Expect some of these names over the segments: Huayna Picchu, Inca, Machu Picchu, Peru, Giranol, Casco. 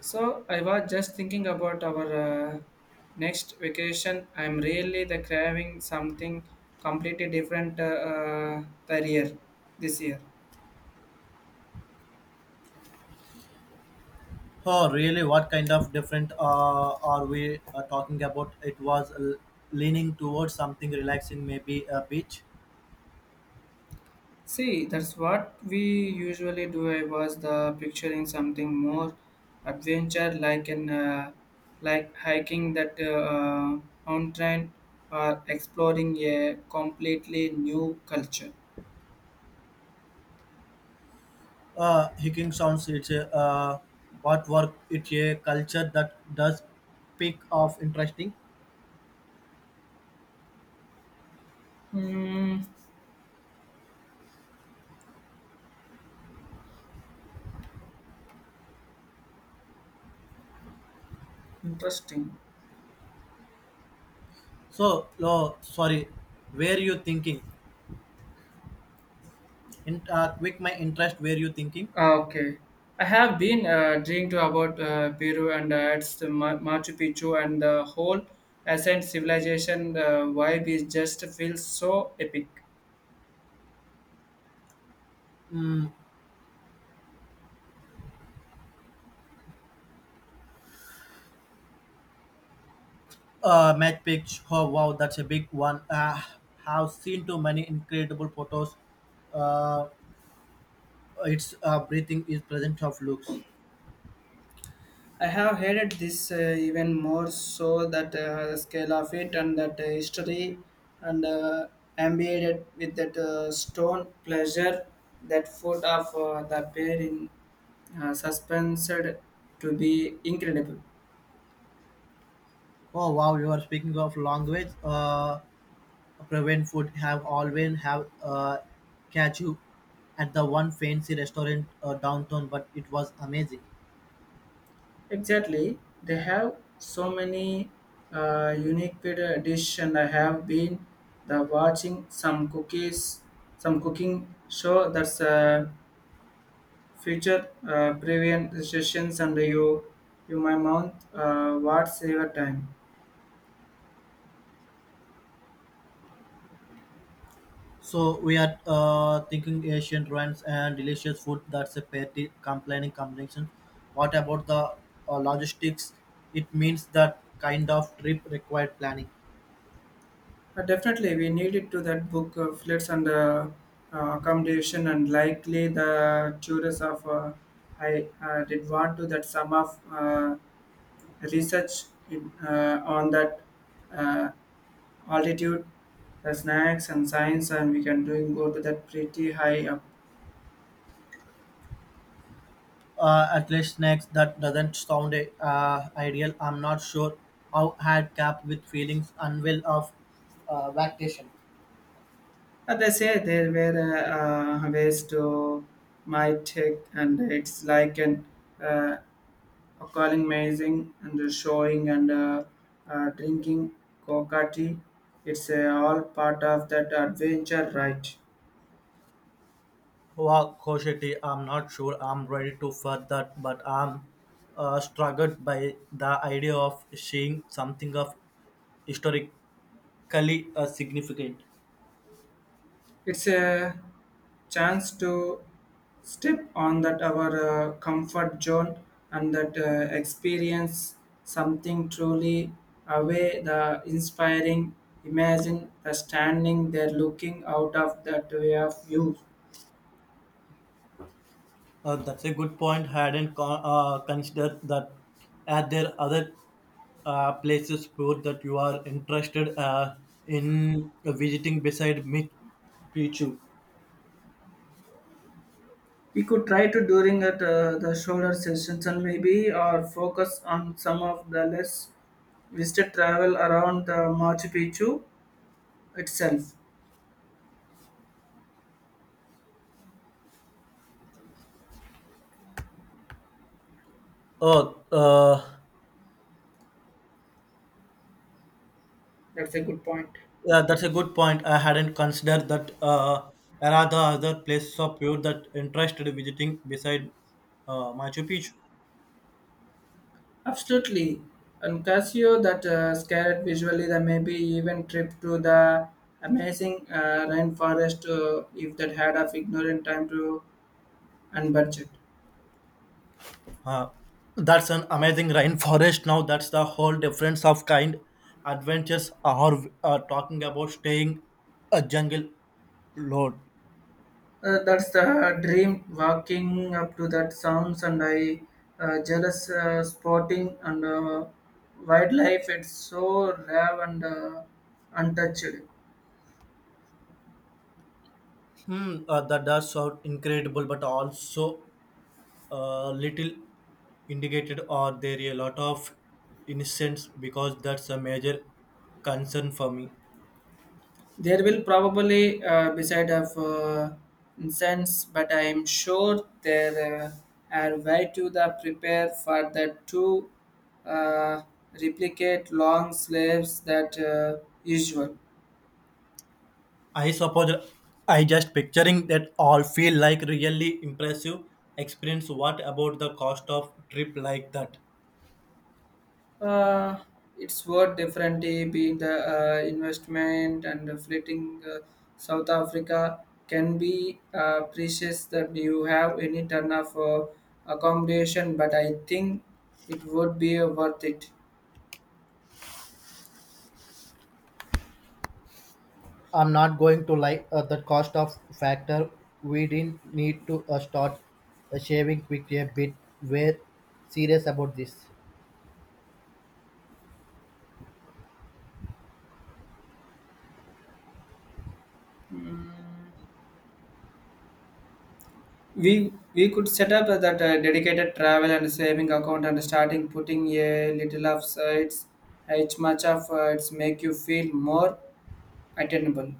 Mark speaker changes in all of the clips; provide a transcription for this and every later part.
Speaker 1: So I was just thinking about our next vacation. I'm really the craving something completely different the year this year.
Speaker 2: Oh, really? What kind of different are we talking about? It was leaning towards something relaxing, maybe a beach.
Speaker 1: See, that's what we usually do. I was the picturing something more adventure, like hiking that mountain or exploring a completely new culture.
Speaker 2: Hiking sounds. It's a what work. It's a culture that does pick off interesting.
Speaker 1: Hmm, interesting.
Speaker 2: So, no, sorry. Where you thinking? In quick, my interest. Where you thinking?
Speaker 1: Ah, okay. I have been dreamed about Peru, and it's the Machu Picchu and the whole ancient civilization vibe is just feels so epic.
Speaker 2: Match pitch. Oh, wow, that's a big one. Have seen too many incredible photos. Uh, its breathing is present of looks.
Speaker 1: I have hated this even more so that the scale of it and that history and embedded with that stone pleasure that foot of the pair in suspensed to be incredible.
Speaker 2: Oh, wow, you are speaking of language. Proven would have always have catch you, at the one fancy restaurant downtown, but it was amazing.
Speaker 1: Exactly, they have so many unique pita dish, and I have been the watching some cooking show that's feature prevent sessions, and you my mouth what's your time.
Speaker 2: So we are thinking ancient ruins and delicious food. That's a petty complaining combination. What about the logistics? It means that kind of trip required planning.
Speaker 1: Definitely, we needed to that book flits and accommodation, and likely the tourists of I did want to that some of. Research on that uh, altitude, the snacks and science, and we can doing go to that pretty high up.
Speaker 2: At least next that doesn't sound ideal. I'm not sure how had cap with feelings unwell of vacation.
Speaker 1: But they say there were ways to my take, and it's like an uh, a calling amazing and the showing and drinking coca tea. It's all part of that adventure, right?
Speaker 2: Wow, Koshiti, I'm not sure I'm ready to for that, but I'm struggled by the idea of seeing something of historically significant.
Speaker 1: It's a chance to step on that our comfort zone and that experience something truly away the inspiring imagine the standing there looking out of that way of view.
Speaker 2: That's a good point. Hadn't considered that. Are there other places for that you are interested in visiting beside Machu Picchu?
Speaker 1: We could try to during at the shoulder sessions and maybe or focus on some of the less visited travel around the Machu Picchu itself.
Speaker 2: Oh,
Speaker 1: That's a good point.
Speaker 2: yeah, that's a good point. I hadn't considered that. There are the other places of you that interested visiting beside Machu Picchu.
Speaker 1: Absolutely. And Casio that scared visually, there may be even trip to the amazing rainforest if that had of ignorant time to and budget.
Speaker 2: Uh, that's an amazing rainforest. Now that's the whole difference of kind. Adventures are talking about staying a jungle lord.
Speaker 1: That's the dream walking up to that sounds, and I jealous spotting and wildlife. It's so rare and untouched.
Speaker 2: Hmm, that does sound incredible, but also a little indicated. Are there a lot of innocence? Because that's a major concern for me.
Speaker 1: There will probably beside of incense, but I am sure there are way to the prepare for the two uh, replicate long slaves that usual.
Speaker 2: I suppose I just picturing that all feel like really impressive experience. What about the cost of trip like that?
Speaker 1: Uh, it's worth differently being the investment and the fleeting South Africa can be precious that you have any turn of accommodation, but I think it would be worth it.
Speaker 2: I'm not going to lie, the cost of factor, we didn't need to start shaving quickly a bit. We're serious about this.
Speaker 1: We could set up that dedicated travel and saving account and starting putting a little of sides each much of it's make you feel more attainable.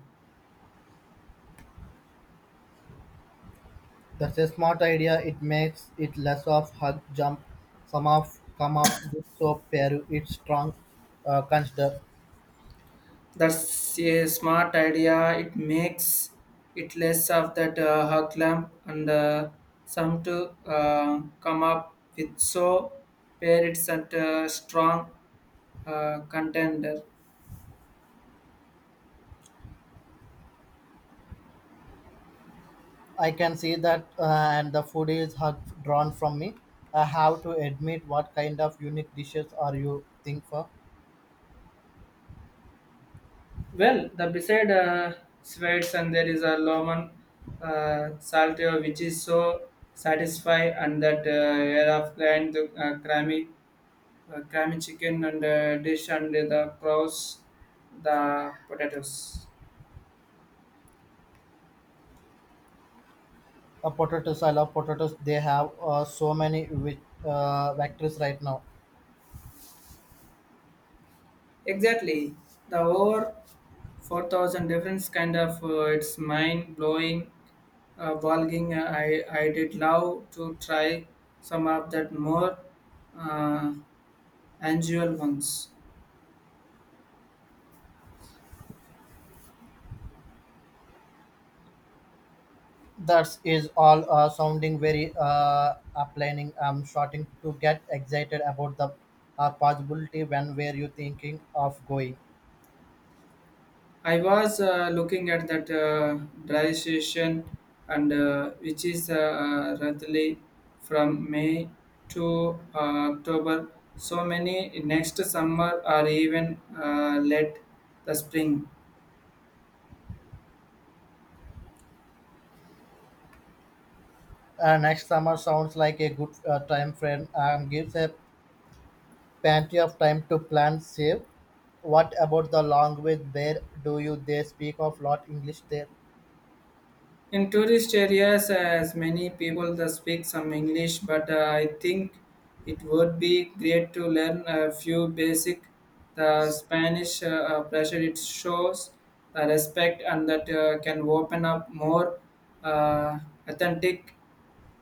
Speaker 2: That's a smart idea. It makes it less of hug jump. Some of come up with soap pair. It's strong consider.
Speaker 1: That's a smart idea. It makes it less of that hug lamp and some to come up with so pair it's at a strong contender.
Speaker 2: I can see that and the food is hug drawn from me. I have to admit, what kind of unique dishes are you think for?
Speaker 1: Well, the beside Swedes and there is a Loman Salteo, which is so satisfy and that air of grand crammy crammy chicken and dish and the cross the potatoes.
Speaker 2: Potatoes. I love potatoes. They have so many with, vectors right now.
Speaker 1: Exactly, the over 4,000 difference kind of it's mind blowing bulging. I did love to try some of that more uh, unusual ones.
Speaker 2: That is all sounding very planning. I'm starting to get excited about the possibility. When were you thinking of going?
Speaker 1: I was looking at that dry session and which is roughly from May to October. So many next summer or even late the spring.
Speaker 2: Next summer sounds like a good time frame. Gives a plenty of time to plan, save. What about the language? Where do you they speak of lot English there?
Speaker 1: In tourist areas, as many people that speak some English, but I think it would be great to learn a few basic the Spanish pressure. It shows the respect and that can open up more uh, authentic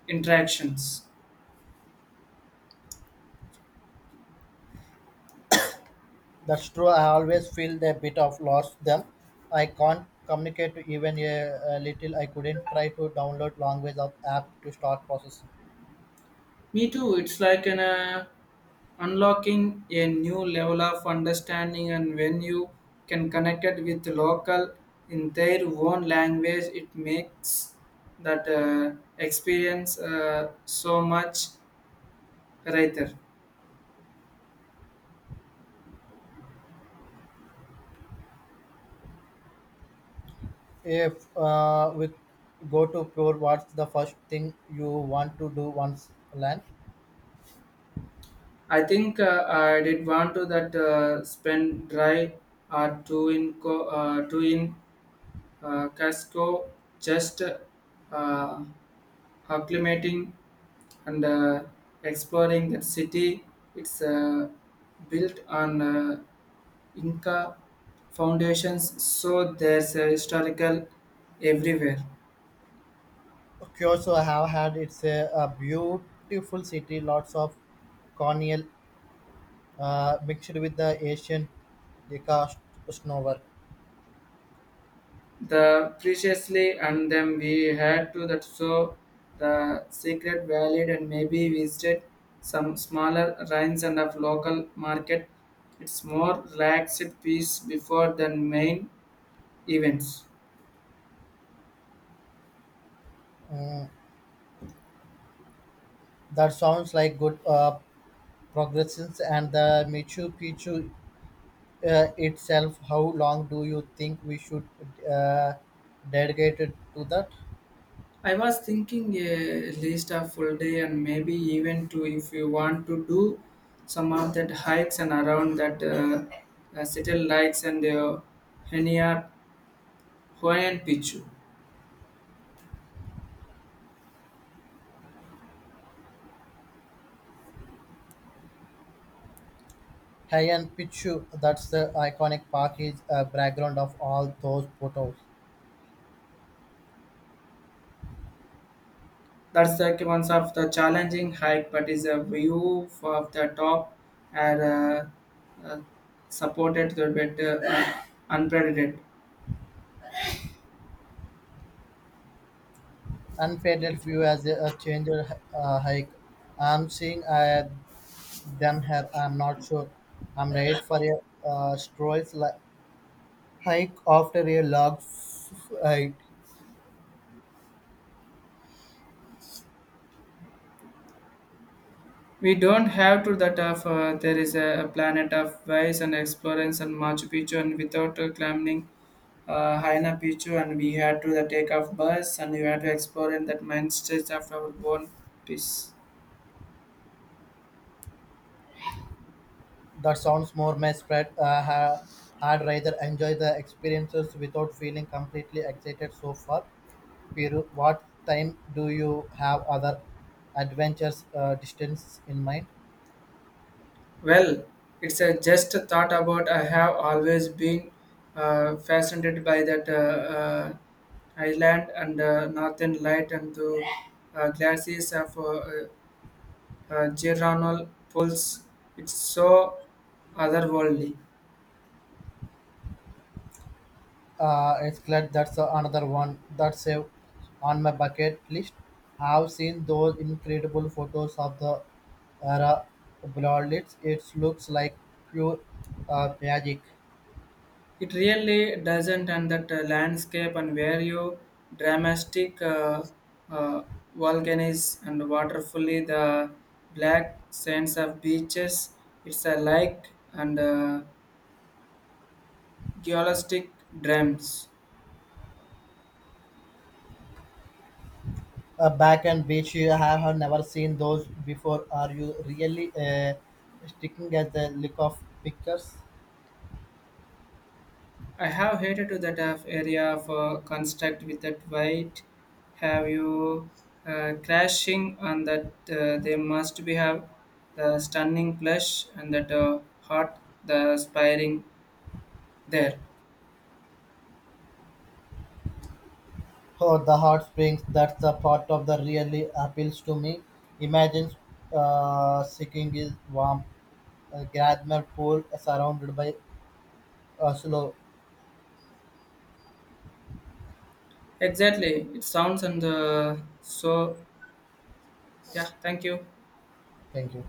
Speaker 1: interactions.
Speaker 2: That's true. I always feel a bit of lost them. I can't communicate even a little. I couldn't try to download language of app to start processing.
Speaker 1: Me too. It's like an unlocking a new level of understanding, and when you can connect it with local in their own language, it makes that experience so much richer.
Speaker 2: If with go to pure, what's the first thing you want to do once land?
Speaker 1: I think I did want to that spend dry or two in Casco just uh, acclimating and exploring that city. It's built on Inca foundations, so there's a historical everywhere.
Speaker 2: Kyoto, I have had it's a beautiful city, lots of cornel mixed with the Asian deca snowwork.
Speaker 1: The preciously, and then we had to that so the secret valid and maybe visited some smaller ruins and of local market. It's more relaxed piece before the main events.
Speaker 2: That sounds like good progressions and the Machu Picchu itself. How long do you think we should uh, dedicate it to that?
Speaker 1: I was thinking a least a full day and maybe even two if you want to do some of that hikes and around that Seattle Lakes and Henia Hawaiian Pichu.
Speaker 2: Heian Pichu, that's the iconic park, is a background of all those photos.
Speaker 1: That's like one of the challenging hike, but is a view of the top and uh, supported the better unprecedented.
Speaker 2: Unpaid view as a changed hike. I'm seeing done here. I'm not sure. I'm ready for a uh, stroll li- hike after a log hike.
Speaker 1: We don't have to that of there is a planet of wise and explorers and Machu Picchu and without climbing Haina Picchu, and we had to the take off bus, and we had to explore in that mind state of our own peace.
Speaker 2: That sounds more my spread. I'd rather enjoy the experiences without feeling completely excited so far. Piru, what time do you have other adventures distance in mind?
Speaker 1: Well, it's a just a thought about I have always been fascinated by that uh, island and northern light and the glasses of Giranol pulse. It's so otherworldly.
Speaker 2: It's glad that's another one that's on my bucket list. I've seen those incredible photos of the era Blondlitz. It looks like pure magic.
Speaker 1: It really doesn't, and that landscape and where you dramatic uh, volcanoes and waterfully the black sands of beaches. It's a like and geolistic dreams.
Speaker 2: Back and beach, you have never seen those before. Are you really sticking at the look of pictures?
Speaker 1: I have hated to that of area for construct with that white. Have you crashing on that? They must be have the stunning plush and that hot the aspiring there.
Speaker 2: Oh, the hot springs, that's the part of the really appeals to me. Imagine sitting is warm, a gradual pool surrounded by. So no,
Speaker 1: Exactly, it sounds and so yeah. Thank you.
Speaker 2: thank you.